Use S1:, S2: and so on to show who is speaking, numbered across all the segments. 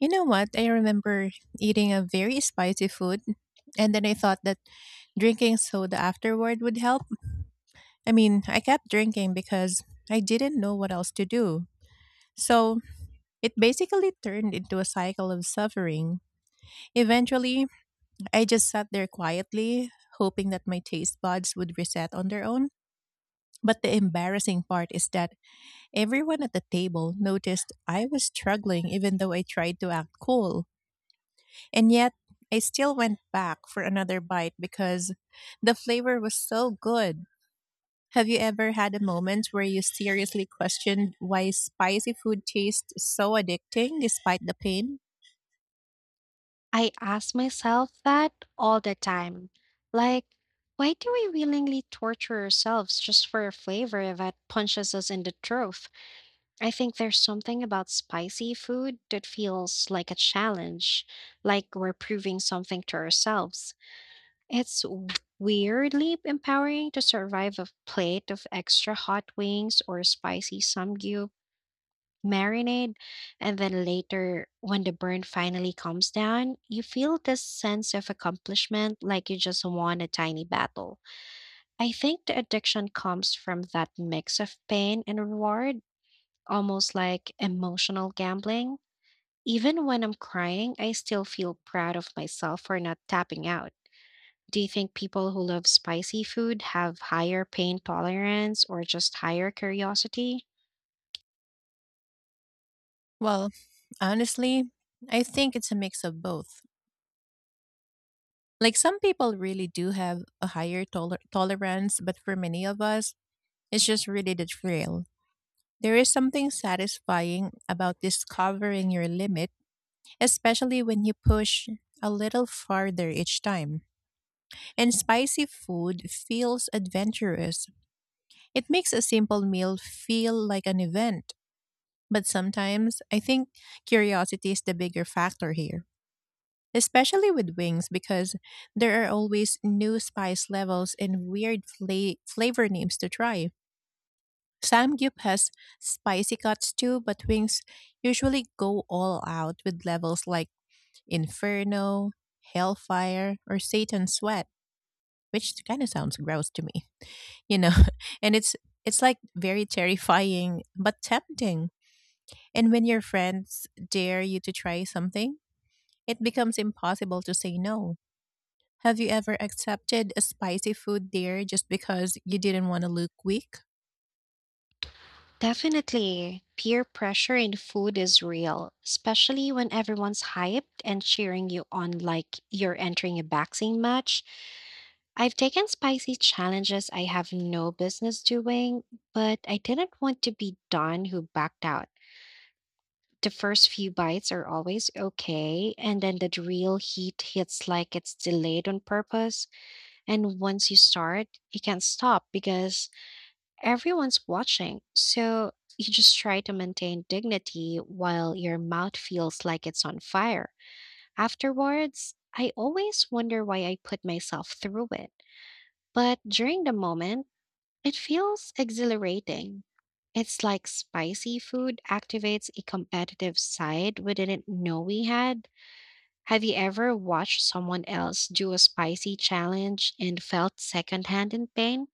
S1: You know what? I remember eating a very spicy food, and then I thought that drinking soda afterward would help. I mean, I kept drinking because I didn't know what else to do. So it basically turned into a cycle of suffering. Eventually, I just sat there quietly, hoping that my taste buds would reset on their own. But the embarrassing part is that everyone at the table noticed I was struggling even though I tried to act cool. And yet, I still went back for another bite because the flavor was so good. Have you ever had a moment where you seriously questioned why spicy food tastes so addicting despite the pain?
S2: I ask myself that all the time. Like, why do we willingly torture ourselves just for a flavor that punches us in the throat? I think there's something about spicy food that feels like a challenge, like we're proving something to ourselves. It's weirdly empowering to survive a plate of extra hot wings or spicy samgyup marinade, and then later, when the burn finally comes down, you feel this sense of accomplishment like you just won a tiny battle. I think the addiction comes from that mix of pain and reward, almost like emotional gambling. Even when I'm crying, I still feel proud of myself for not tapping out. Do you think people who love spicy food have higher pain tolerance or just higher curiosity?
S1: Well, honestly, I think it's a mix of both. Like some people really do have a tolerance, but for many of us, it's just really the thrill. There is something satisfying about discovering your limit especially when you push a little farther each time. And spicy food feels adventurous. It makes a simple meal feel like an event. But sometimes I think curiosity is the bigger factor here, especially with wings, because there are always new spice levels and weird flavor names to try. Samgyup has spicy cuts too, but wings usually go all out with levels like inferno, hellfire, or Satan's sweat, which kind of sounds gross to me, you know. And it's like very terrifying but tempting. And when your friends dare you to try something, it becomes impossible to say no. Have you ever accepted a spicy food dare just because you didn't want to look weak?
S2: Definitely, peer pressure in food is real, especially when everyone's hyped and cheering you on like you're entering a boxing match. I've taken spicy challenges I have no business doing, but I didn't want to be Don who backed out. The first few bites are always okay, and then the real heat hits like it's delayed on purpose. And once you start, you can't stop because everyone's watching, so you just try to maintain dignity while your mouth feels like it's on fire. Afterwards, I always wonder why I put myself through it. But during the moment, it feels exhilarating. It's like spicy food activates a competitive side we didn't know we had. Have you ever watched someone else do a spicy challenge and felt secondhand in pain?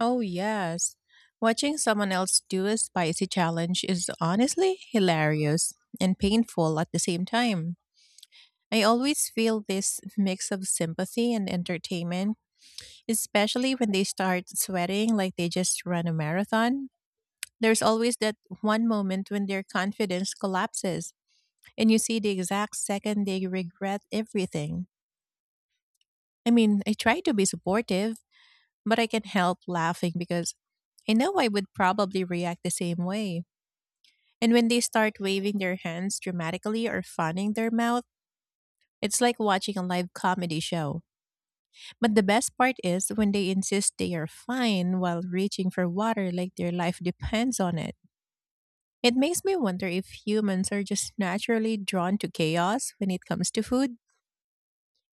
S1: Oh, yes. Watching someone else do a spicy challenge is honestly hilarious and painful at the same time. I always feel this mix of sympathy and entertainment, especially when they start sweating like they just run a marathon. There's always that one moment when their confidence collapses, and you see the exact second they regret everything. I mean, I try to be supportive, but I can't help laughing because I know I would probably react the same way. And when they start waving their hands dramatically or fanning their mouth, it's like watching a live comedy show. But the best part is when they insist they are fine while reaching for water like their life depends on it. It makes me wonder if humans are just naturally drawn to chaos when it comes to food.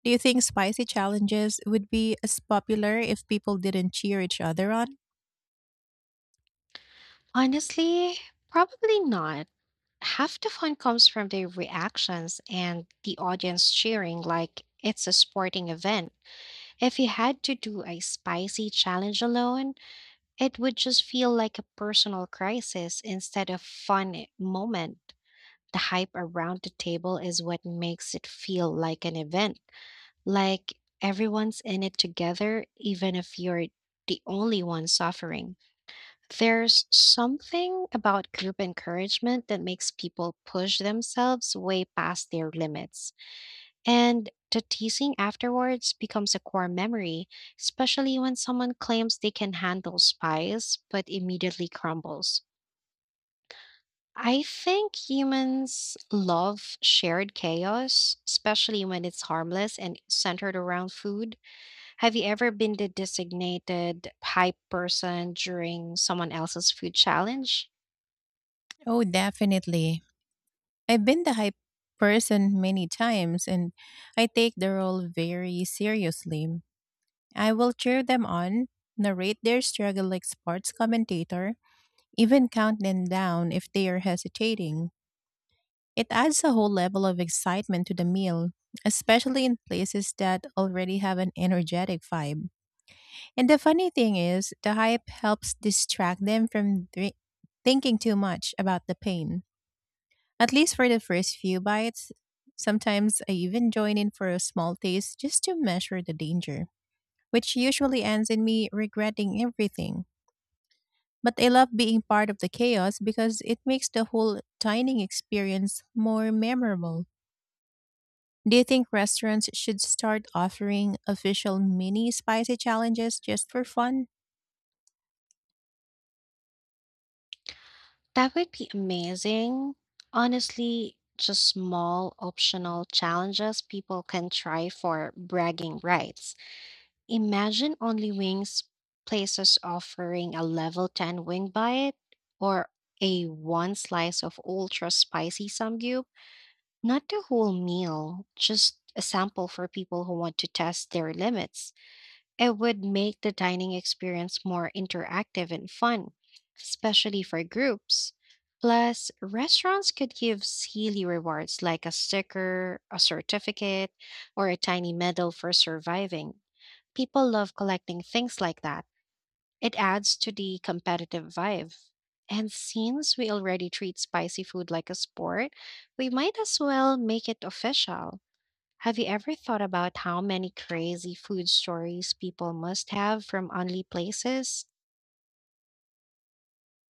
S1: Do you think spicy challenges would be as popular if people didn't cheer each other on?
S2: Honestly, probably not. Half the fun comes from their reactions and the audience cheering like it's a sporting event. If you had to do a spicy challenge alone, it would just feel like a personal crisis instead of fun moment. The hype around the table is what makes it feel like an event, like everyone's in it together, even if you're the only one suffering. There's something about group encouragement that makes people push themselves way past their limits. And the teasing afterwards becomes a core memory, especially when someone claims they can handle spies but immediately crumbles. I think humans love shared chaos, especially when it's harmless and centered around food. Have you ever been the designated hype person during someone else's food challenge?
S1: Oh, definitely. I've been the hype person many times and I take the role very seriously. I will cheer them on, narrate their struggle like sports commentator, even count them down if they are hesitating. It adds a whole level of excitement to the meal, especially in places that already have an energetic vibe. And the funny thing is, the hype helps distract them from thinking too much about the pain. At least for the first few bites, sometimes I even join in for a small taste just to measure the danger, which usually ends in me regretting everything. But I love being part of the chaos because it makes the whole dining experience more memorable. Do you think restaurants should start offering official mini spicy challenges just for fun?
S2: That would be amazing. Honestly, just small optional challenges people can try for bragging rights. Imagine only wings places offering a level 10 wing bite or a one slice of ultra spicy samgyup. Not the whole meal, just a sample for people who want to test their limits. It would make the dining experience more interactive and fun, especially for groups. Plus, restaurants could give silly rewards like a sticker, a certificate, or a tiny medal for surviving. People love collecting things like that. It adds to the competitive vibe. And since we already treat spicy food like a sport, we might as well make it official. Have you ever thought about how many crazy food stories people must have from only places?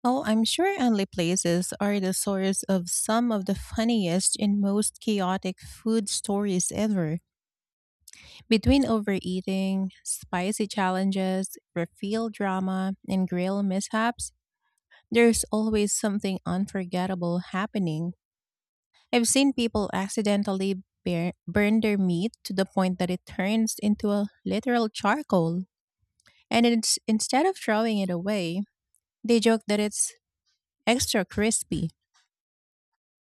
S1: Oh, I'm sure only places are the source of some of the funniest and most chaotic food stories ever. Between overeating, spicy challenges, refill drama, and grill mishaps, there's always something unforgettable happening. I've seen people accidentally burn their meat to the point that it turns into a literal charcoal. And it's, instead of throwing it away, they joke that it's extra crispy.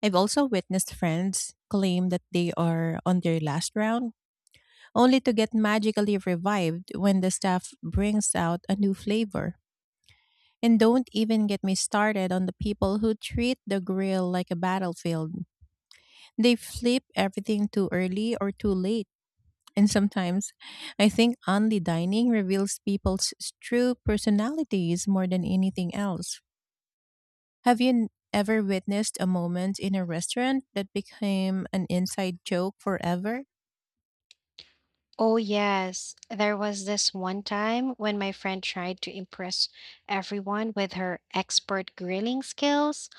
S1: I've also witnessed friends claim that they are on their last round, only to get magically revived when the staff brings out a new flavor. And don't even get me started on the people who treat the grill like a battlefield. They flip everything too early or too late. And sometimes I think only dining reveals people's true personalities more than anything else. Have you ever witnessed a moment in a restaurant that became an inside joke forever?
S2: Oh, yes. There was this one time when my friend tried to impress everyone with her expert grilling skills,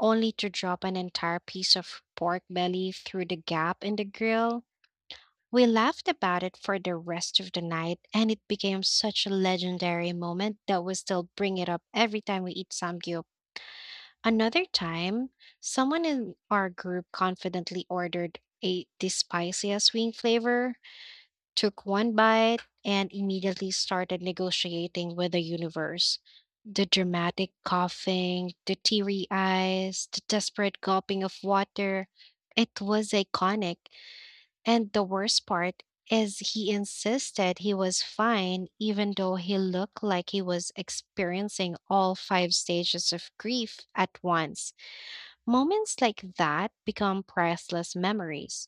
S2: only to drop an entire piece of pork belly through the gap in the grill. We laughed about it for the rest of the night, and it became such a legendary moment that we still bring it up every time we eat samgyeopsal. Another time, someone in our group confidently ordered a the spiciest wing flavor, took one bite, and immediately started negotiating with the universe. The dramatic coughing, the teary eyes, the desperate gulping of water. It was iconic. And the worst part is he insisted he was fine, even though he looked like he was experiencing all five stages of grief at once. Moments like that become priceless memories.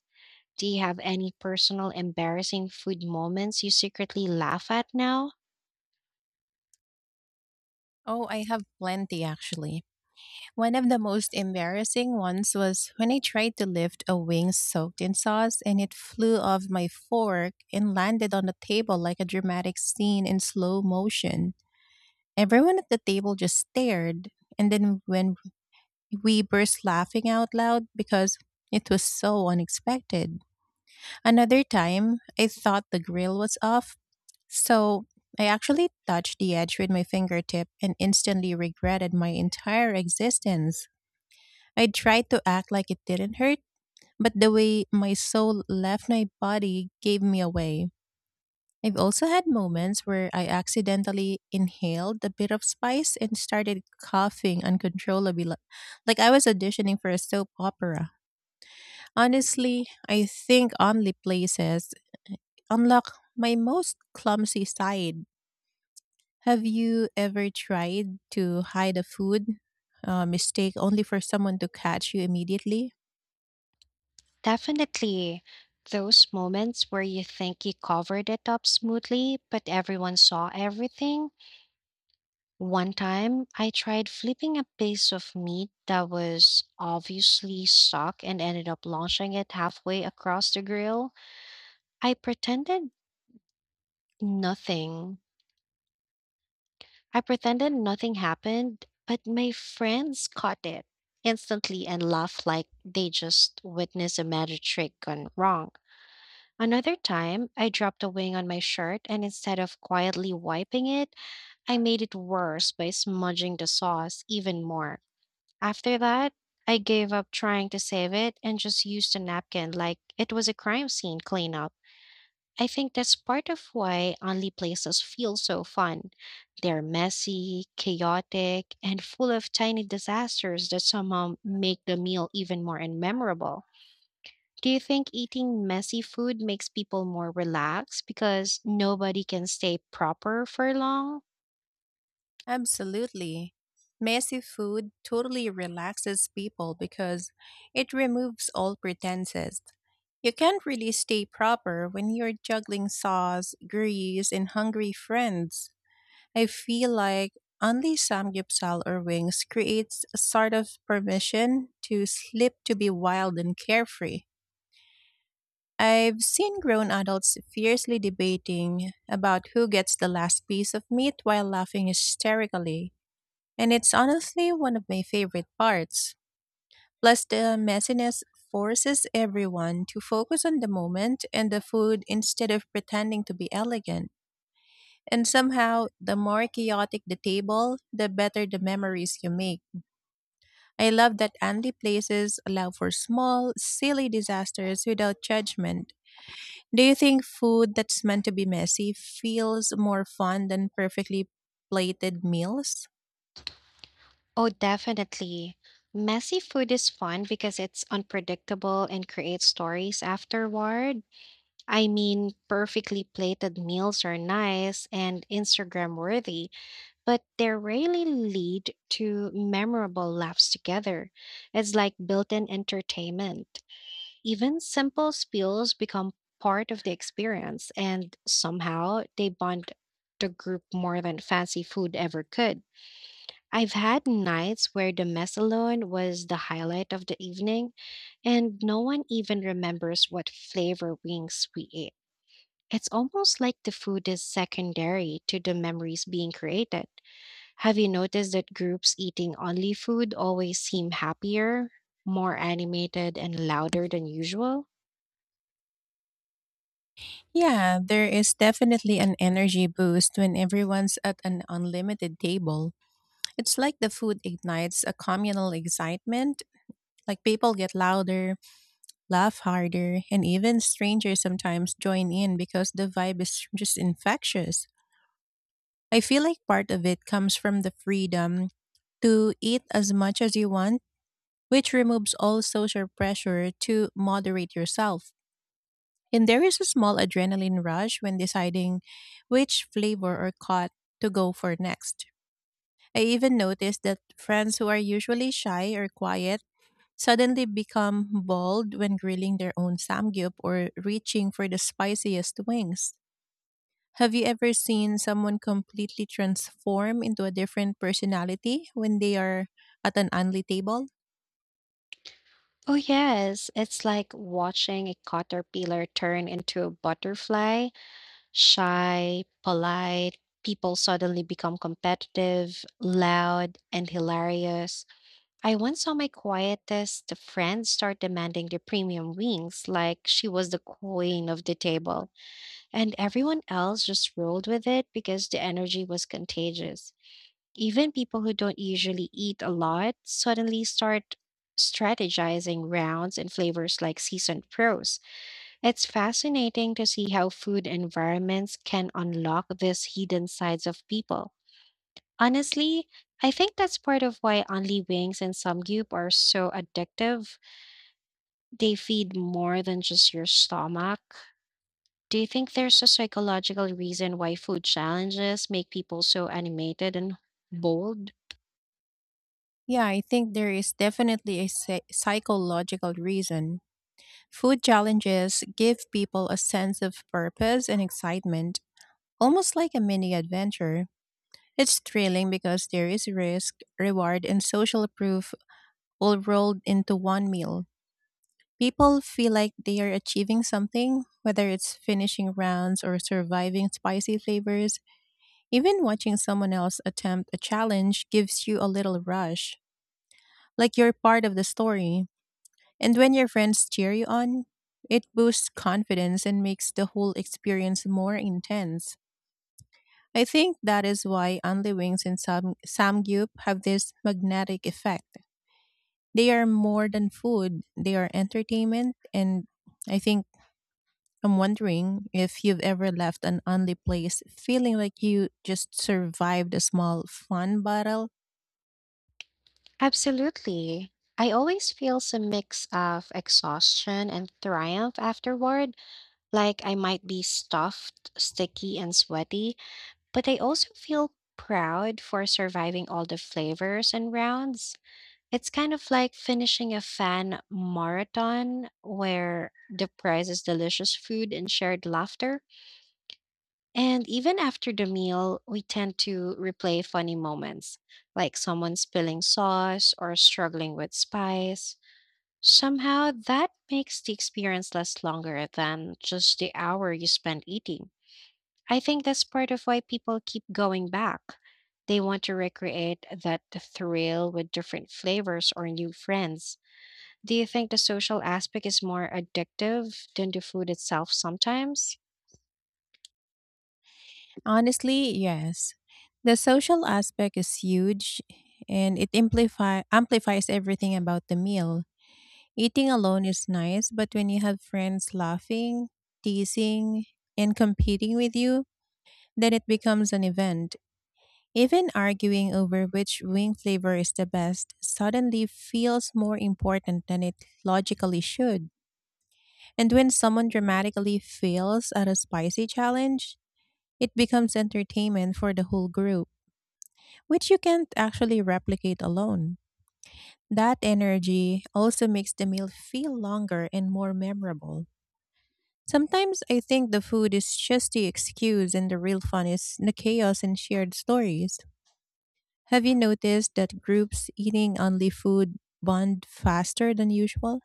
S2: Do you have any personal embarrassing food moments you secretly laugh at now?
S1: Oh, I have plenty actually. One of the most embarrassing ones was when I tried to lift a wing soaked in sauce and it flew off my fork and landed on the table like a dramatic scene in slow motion. Everyone at the table just stared, and then when we burst laughing out loud because it was so unexpected. Another time, I thought the grill was off, so I actually touched the edge with my fingertip and instantly regretted my entire existence. I tried to act like it didn't hurt, but the way my soul left my body gave me away. I've also had moments where I accidentally inhaled a bit of spice and started coughing uncontrollably, like I was auditioning for a soap opera. Honestly, I think only places unlock my most clumsy side. Have you ever tried to hide a food mistake only for someone to catch you immediately?
S2: Definitely. Those moments where you think you covered it up smoothly, but everyone saw everything. One time, I tried flipping a piece of meat that was obviously stuck and ended up launching it halfway across the grill. I pretended nothing, I pretended nothing happened, but my friends caught it instantly and laughed like they just witnessed a magic trick gone wrong. Another time, I dropped a wing on my shirt, and instead of quietly wiping it, I made it worse by smudging the sauce even more. After that, I gave up trying to save it and just used a napkin like it was a crime scene cleanup. I think that's part of why only places feel so fun. They're messy, chaotic, and full of tiny disasters that somehow make the meal even more unmemorable. Do you think eating messy food makes people more relaxed because nobody can stay proper for long?
S1: Absolutely. Messy food totally relaxes people because it removes all pretenses. You can't really stay proper when you're juggling sauce, grease, and hungry friends. I feel like only samgyeopsal or wings creates a sort of permission to slip to be wild and carefree. I've seen grown adults fiercely debating about who gets the last piece of meat while laughing hysterically. And it's honestly one of my favorite parts. Plus, the messiness forces everyone to focus on the moment and the food instead of pretending to be elegant. And somehow, the more chaotic the table, the better the memories you make. I love that Andy places allow for small, silly disasters without judgment. Do you think food that's meant to be messy feels more fun than perfectly plated meals?
S2: Oh, definitely. Messy food is fun because it's unpredictable and creates stories afterward. I mean, perfectly plated meals are nice and Instagram worthy, but they rarely lead to memorable laughs together. It's like built in entertainment. Even simple spills become part of the experience, and somehow they bond the group more than fancy food ever could. I've had nights where the mess alone was the highlight of the evening, and no one even remembers what flavor wings we ate. It's almost like the food is secondary to the memories being created. Have you noticed that groups eating only food always seem happier, more animated, and louder than usual?
S1: Yeah, there is definitely an energy boost when everyone's at an unlimited table. It's like the food ignites a communal excitement. Like people get louder, laugh harder, and even strangers sometimes join in because the vibe is just infectious. I feel like part of it comes from the freedom to eat as much as you want, which removes all social pressure to moderate yourself. And there is a small adrenaline rush when deciding which flavor or cut to go for next. I even noticed that friends who are usually shy or quiet suddenly become bold when grilling their own samgyup or reaching for the spiciest wings. Have you ever seen someone completely transform into a different personality when they are at an only table?
S2: Oh, yes, it's like watching a caterpillar turn into a butterfly. Shy, polite, people suddenly become competitive, loud, and hilarious. I once saw my quietest friend start demanding the premium wings like she was the queen of the table, and everyone else just rolled with it because the energy was contagious. Even people who don't usually eat a lot suddenly start strategizing rounds and flavors like seasoned pros. It's fascinating to see how food environments can unlock these hidden sides of people. Honestly, I think that's part of why only wings and samgyup are so addictive. They feed more than just your stomach. Do you think there's a psychological reason why food challenges make people so animated and bold?
S1: Yeah, I think there is definitely a psychological reason. Food challenges give people a sense of purpose and excitement, almost like a mini adventure. It's thrilling because there is risk, reward, and social proof all rolled into one meal. People feel like they are achieving something, whether it's finishing rounds or surviving spicy flavors. Even watching someone else attempt a challenge gives you a little rush, like you're part of the story. And when your friends cheer you on, it boosts confidence and makes the whole experience more intense. I think that is why Only Wings and Samgyup have this magnetic effect. They are more than food, they are entertainment, and I think I'm wondering if you've ever left an only place feeling like you just survived a small fun battle.
S2: Absolutely. I always feel some mix of exhaustion and triumph afterward. Like I might be stuffed, sticky, and sweaty, but I also feel proud for surviving all the flavors and rounds. It's kind of like finishing a fan marathon where the prize is delicious food and shared laughter. And even after the meal, we tend to replay funny moments, like someone spilling sauce or struggling with spice. Somehow, that makes the experience last longer than just the hour you spend eating. I think that's part of why people keep going back. They want to recreate that thrill with different flavors or new friends. Do you think the social aspect is more addictive than the food itself sometimes?
S1: Honestly, yes. The social aspect is huge and it amplifies everything about the meal. Eating alone is nice, but when you have friends laughing, teasing, and competing with you, then it becomes an event. Even arguing over which wing flavor is the best suddenly feels more important than it logically should. And when someone dramatically fails at a spicy challenge, it becomes entertainment for the whole group, which you can't actually replicate alone. That energy also makes the meal feel longer and more memorable. Sometimes I think the food is just the excuse and the real fun is the chaos and shared stories. Have you noticed that groups eating only food bond faster than usual?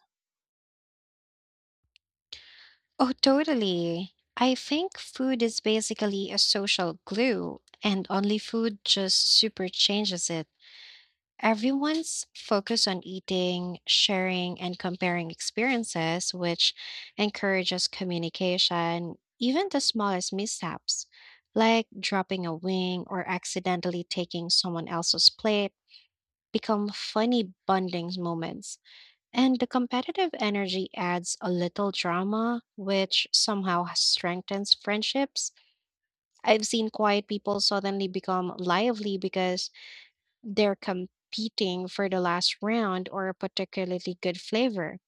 S2: Oh, totally. I think food is basically a social glue, and only food just super changes it. Everyone's focus on eating, sharing, and comparing experiences, which encourages communication, even the smallest mishaps, like dropping a wing or accidentally taking someone else's plate, become funny bonding moments. And the competitive energy adds a little drama, which somehow strengthens friendships. I've seen quiet people suddenly become lively because they're competing for the last round or a particularly good flavor.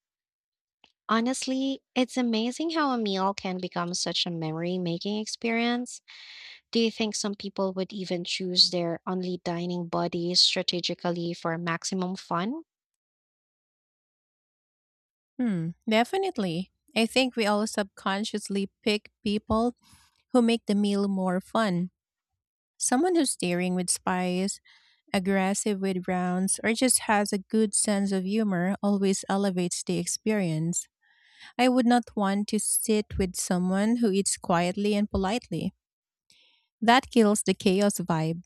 S2: Honestly, it's amazing how a meal can become such a memory making experience. Do you think some people would even choose their only dining buddies strategically for maximum fun?
S1: Hmm, definitely. I think we all subconsciously pick people who make the meal more fun. Someone who's daring with spice, aggressive with rounds, or just has a good sense of humor always elevates the experience. I would not want to sit with someone who eats quietly and politely. That kills the chaos vibe.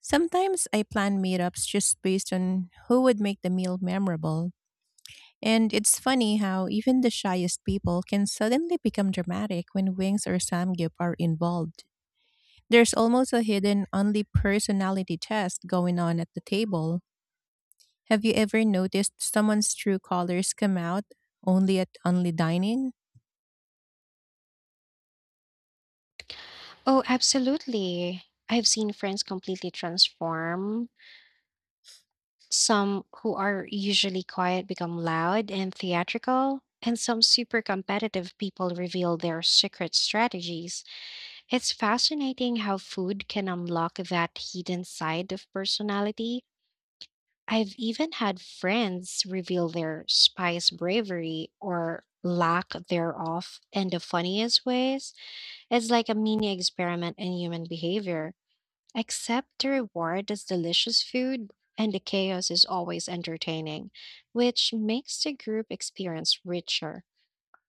S1: Sometimes I plan meetups just based on who would make the meal memorable. And it's funny how even the shyest people can suddenly become dramatic when wings or samgyup are involved. There's almost a hidden only personality test going on at the table. Have you ever noticed someone's true colors come out only at only dining?
S2: Oh, absolutely. I've seen friends completely transform. Some who are usually quiet become loud and theatrical, and some super competitive people reveal their secret strategies. It's fascinating how food can unlock that hidden side of personality. I've even had friends reveal their spice bravery or lack thereof in the funniest ways. It's like a mini experiment in human behavior. Except the reward is delicious food and the chaos is always entertaining, which makes the group experience richer.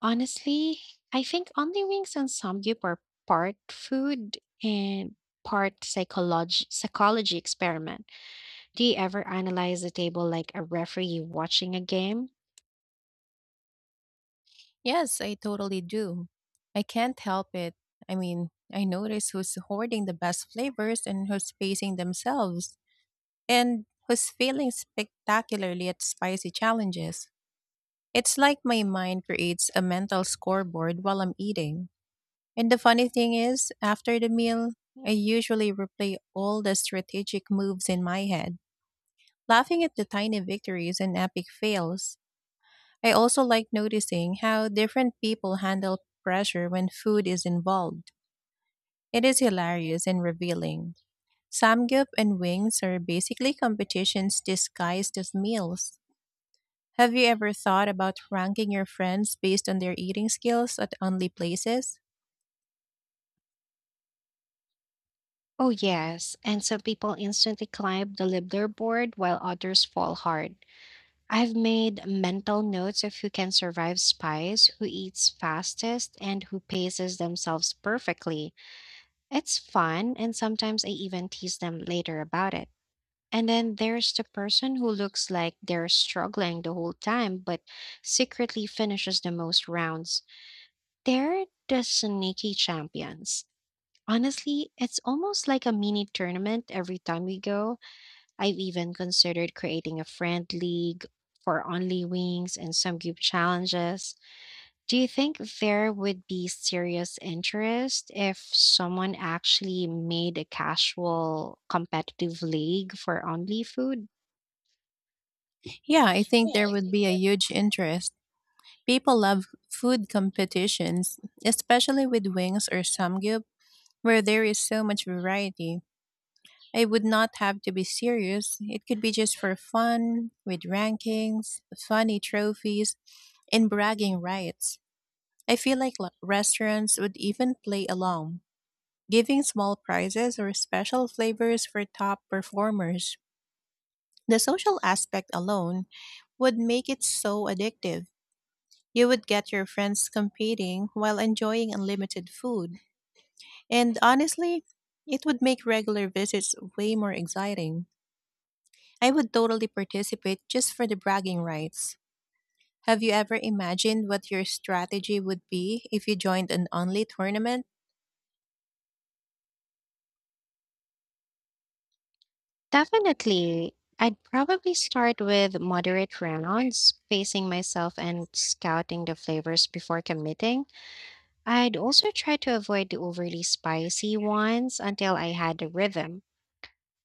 S2: Honestly, I think only wings and samgyup are part food and part psychology experiment. Do you ever analyze the table like a referee watching a game?
S1: Yes, I totally do. I can't help it. I mean, I notice who's hoarding the best flavors and who's pacing themselves and who's failing spectacularly at spicy challenges. It's like my mind creates a mental scoreboard while I'm eating. And the funny thing is, after the meal, I usually replay all the strategic moves in my head, laughing at the tiny victories and epic fails. I also like noticing how different people handle pressure when food is involved. It is hilarious and revealing. Samgyup and wings are basically competitions disguised as meals. Have you ever thought about ranking your friends based on their eating skills at only places?
S2: Oh yes, and some people instantly climb the leaderboard while others fall hard. I've made mental notes of who can survive spies, who eats fastest, and who paces themselves perfectly. It's fun, and sometimes I even tease them later about it. And then there's the person who looks like they're struggling the whole time, but secretly finishes the most rounds. They're the sneaky champions. Honestly, it's almost like a mini tournament every time we go. I've even considered creating a friend league for only wings and some group challenges. Do you think there would be serious interest if someone actually made a casual competitive league for only food?
S1: Yeah, I
S2: Yeah.
S1: think there would be a huge interest. People love food competitions, especially with wings or samgyup, where there is so much variety. I would not have to be serious. It could be just for fun, with rankings, funny trophies, and bragging rights. I feel like restaurants would even play along, giving small prizes or special flavors for top performers. The social aspect alone would make it so addictive. You would get your friends competing while enjoying unlimited food. And honestly, it would make regular visits way more exciting. I would totally participate just for the bragging rights. Have you ever imagined what your strategy would be if you joined an only tournament?
S2: Definitely. I'd probably start with moderate rounds, pacing myself and scouting the flavors before committing. I'd also try to avoid the overly spicy ones until I had a rhythm.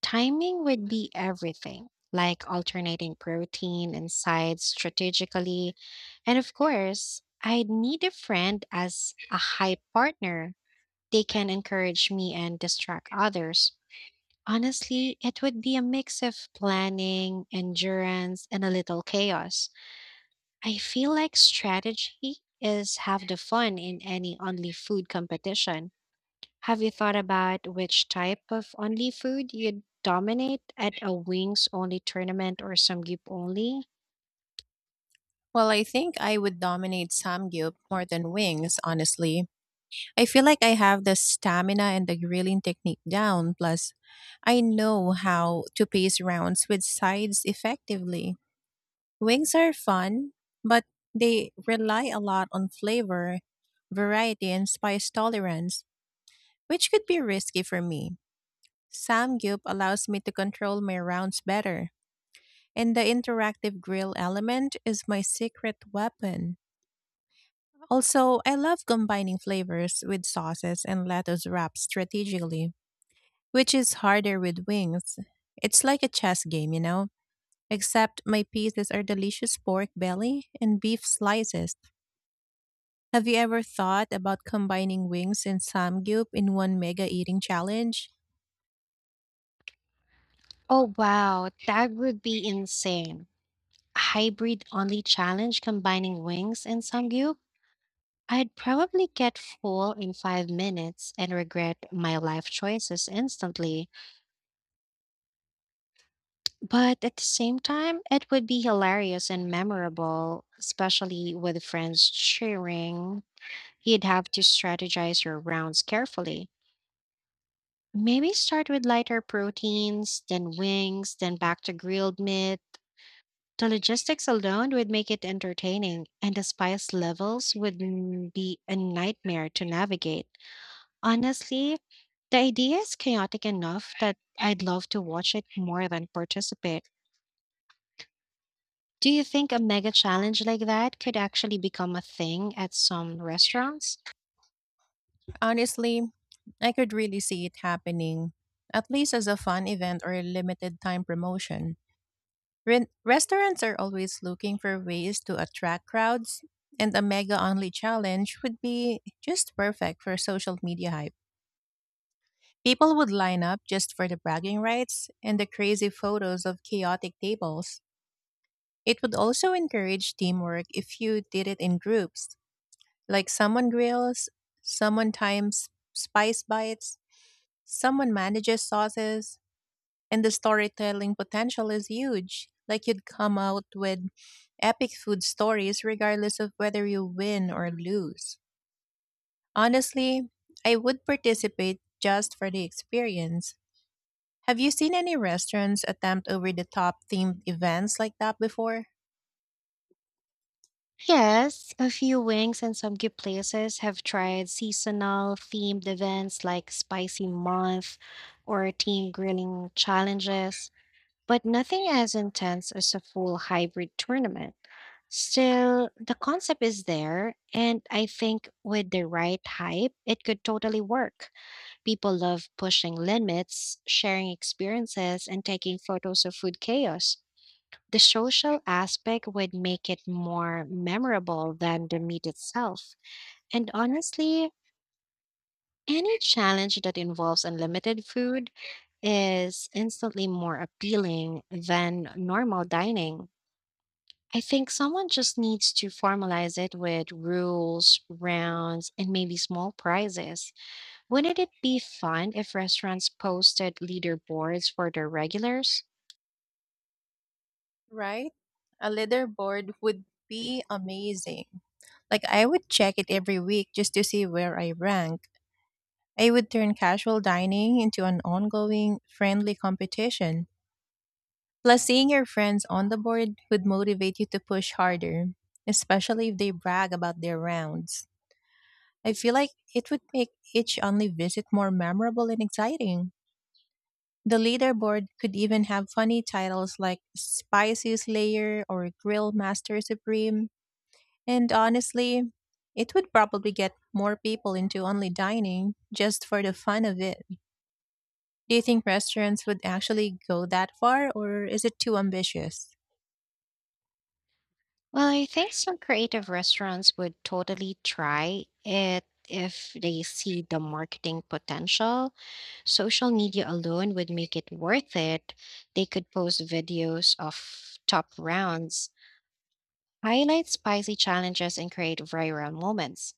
S2: Timing would be everything, like alternating protein and sides strategically. And of course, I'd need a friend as a hype partner. They can encourage me and distract others. Honestly, it would be a mix of planning, endurance, and a little chaos. I feel like strategy is half the fun in any only food competition. Have you thought about which type of only food you'd dominate at a wings only tournament or samgyup only?
S1: Well, I think I would dominate Samgyup more than wings, honestly. I feel like I have the stamina and the grilling technique down, plus, I know how to pace rounds with sides effectively. Wings are fun, but they rely a lot on flavor, variety, and spice tolerance, which could be risky for me. Samgyup allows me to control my rounds better, and the interactive grill element is my secret weapon. Also, I love combining flavors with sauces and lettuce wraps strategically, which is harder with wings. It's like a chess game, you know, except my pieces are delicious pork belly and beef slices. Have you ever thought about combining wings and samgyup in one mega eating challenge?
S2: Oh wow, that would be insane. A hybrid only challenge combining wings and samgyeop. I'd probably get full in 5 minutes and regret my life choices instantly. But at the same time, it would be hilarious and memorable, especially with friends cheering. You'd have to strategize your rounds carefully. Maybe start with lighter proteins, then wings, then back to grilled meat. The logistics alone would make it entertaining, and the spice levels be a nightmare to navigate. Honestly, the idea is chaotic enough that I'd love to watch it more than participate. Do you think a mega challenge like that could actually become a thing at some restaurants?
S1: Honestly, I could really see it happening, at least as a fun event or a limited time promotion. Restaurants are always looking for ways to attract crowds, and a mega only challenge would be just perfect for social media hype. People would line up just for the bragging rights and the crazy photos of chaotic tables. It would also encourage teamwork if you did it in groups. Like someone grills, someone times spice bites, someone manages sauces, and the storytelling potential is huge. Like you'd come out with epic food stories regardless of whether you win or lose. Honestly, I would participate just for the experience. Have you seen any restaurants attempt over the top themed events like that before?
S2: Yes, a few wings and some good places have tried seasonal themed events like Spicy Month or team grilling challenges, but nothing as intense as a full hybrid tournament. Still, the concept is there, and I think with the right hype, it could totally work. People love pushing limits, sharing experiences, and taking photos of food chaos. The social aspect would make it more memorable than the meat itself. And honestly, any challenge that involves unlimited food is instantly more appealing than normal dining. I think someone just needs to formalize it with rules, rounds, and maybe small prizes. Wouldn't it be fun if restaurants posted leaderboards for their regulars?
S1: Right? A leaderboard would be amazing. Like I would check it every week just to see where I rank. I would turn casual dining into an ongoing friendly competition. Plus, seeing your friends on the board would motivate you to push harder, especially if they brag about their rounds. I feel like it would make each only visit more memorable and exciting. The leaderboard could even have funny titles like Spicy Slayer or Grill Master Supreme. And honestly, it would probably get more people into only dining just for the fun of it. Do you think restaurants would actually go that far, or is it too ambitious?
S2: Well, I think some creative restaurants would totally try it if they see the marketing potential. Social media alone would make it worth it. They could post videos of top rounds, highlight spicy challenges, and create viral moments.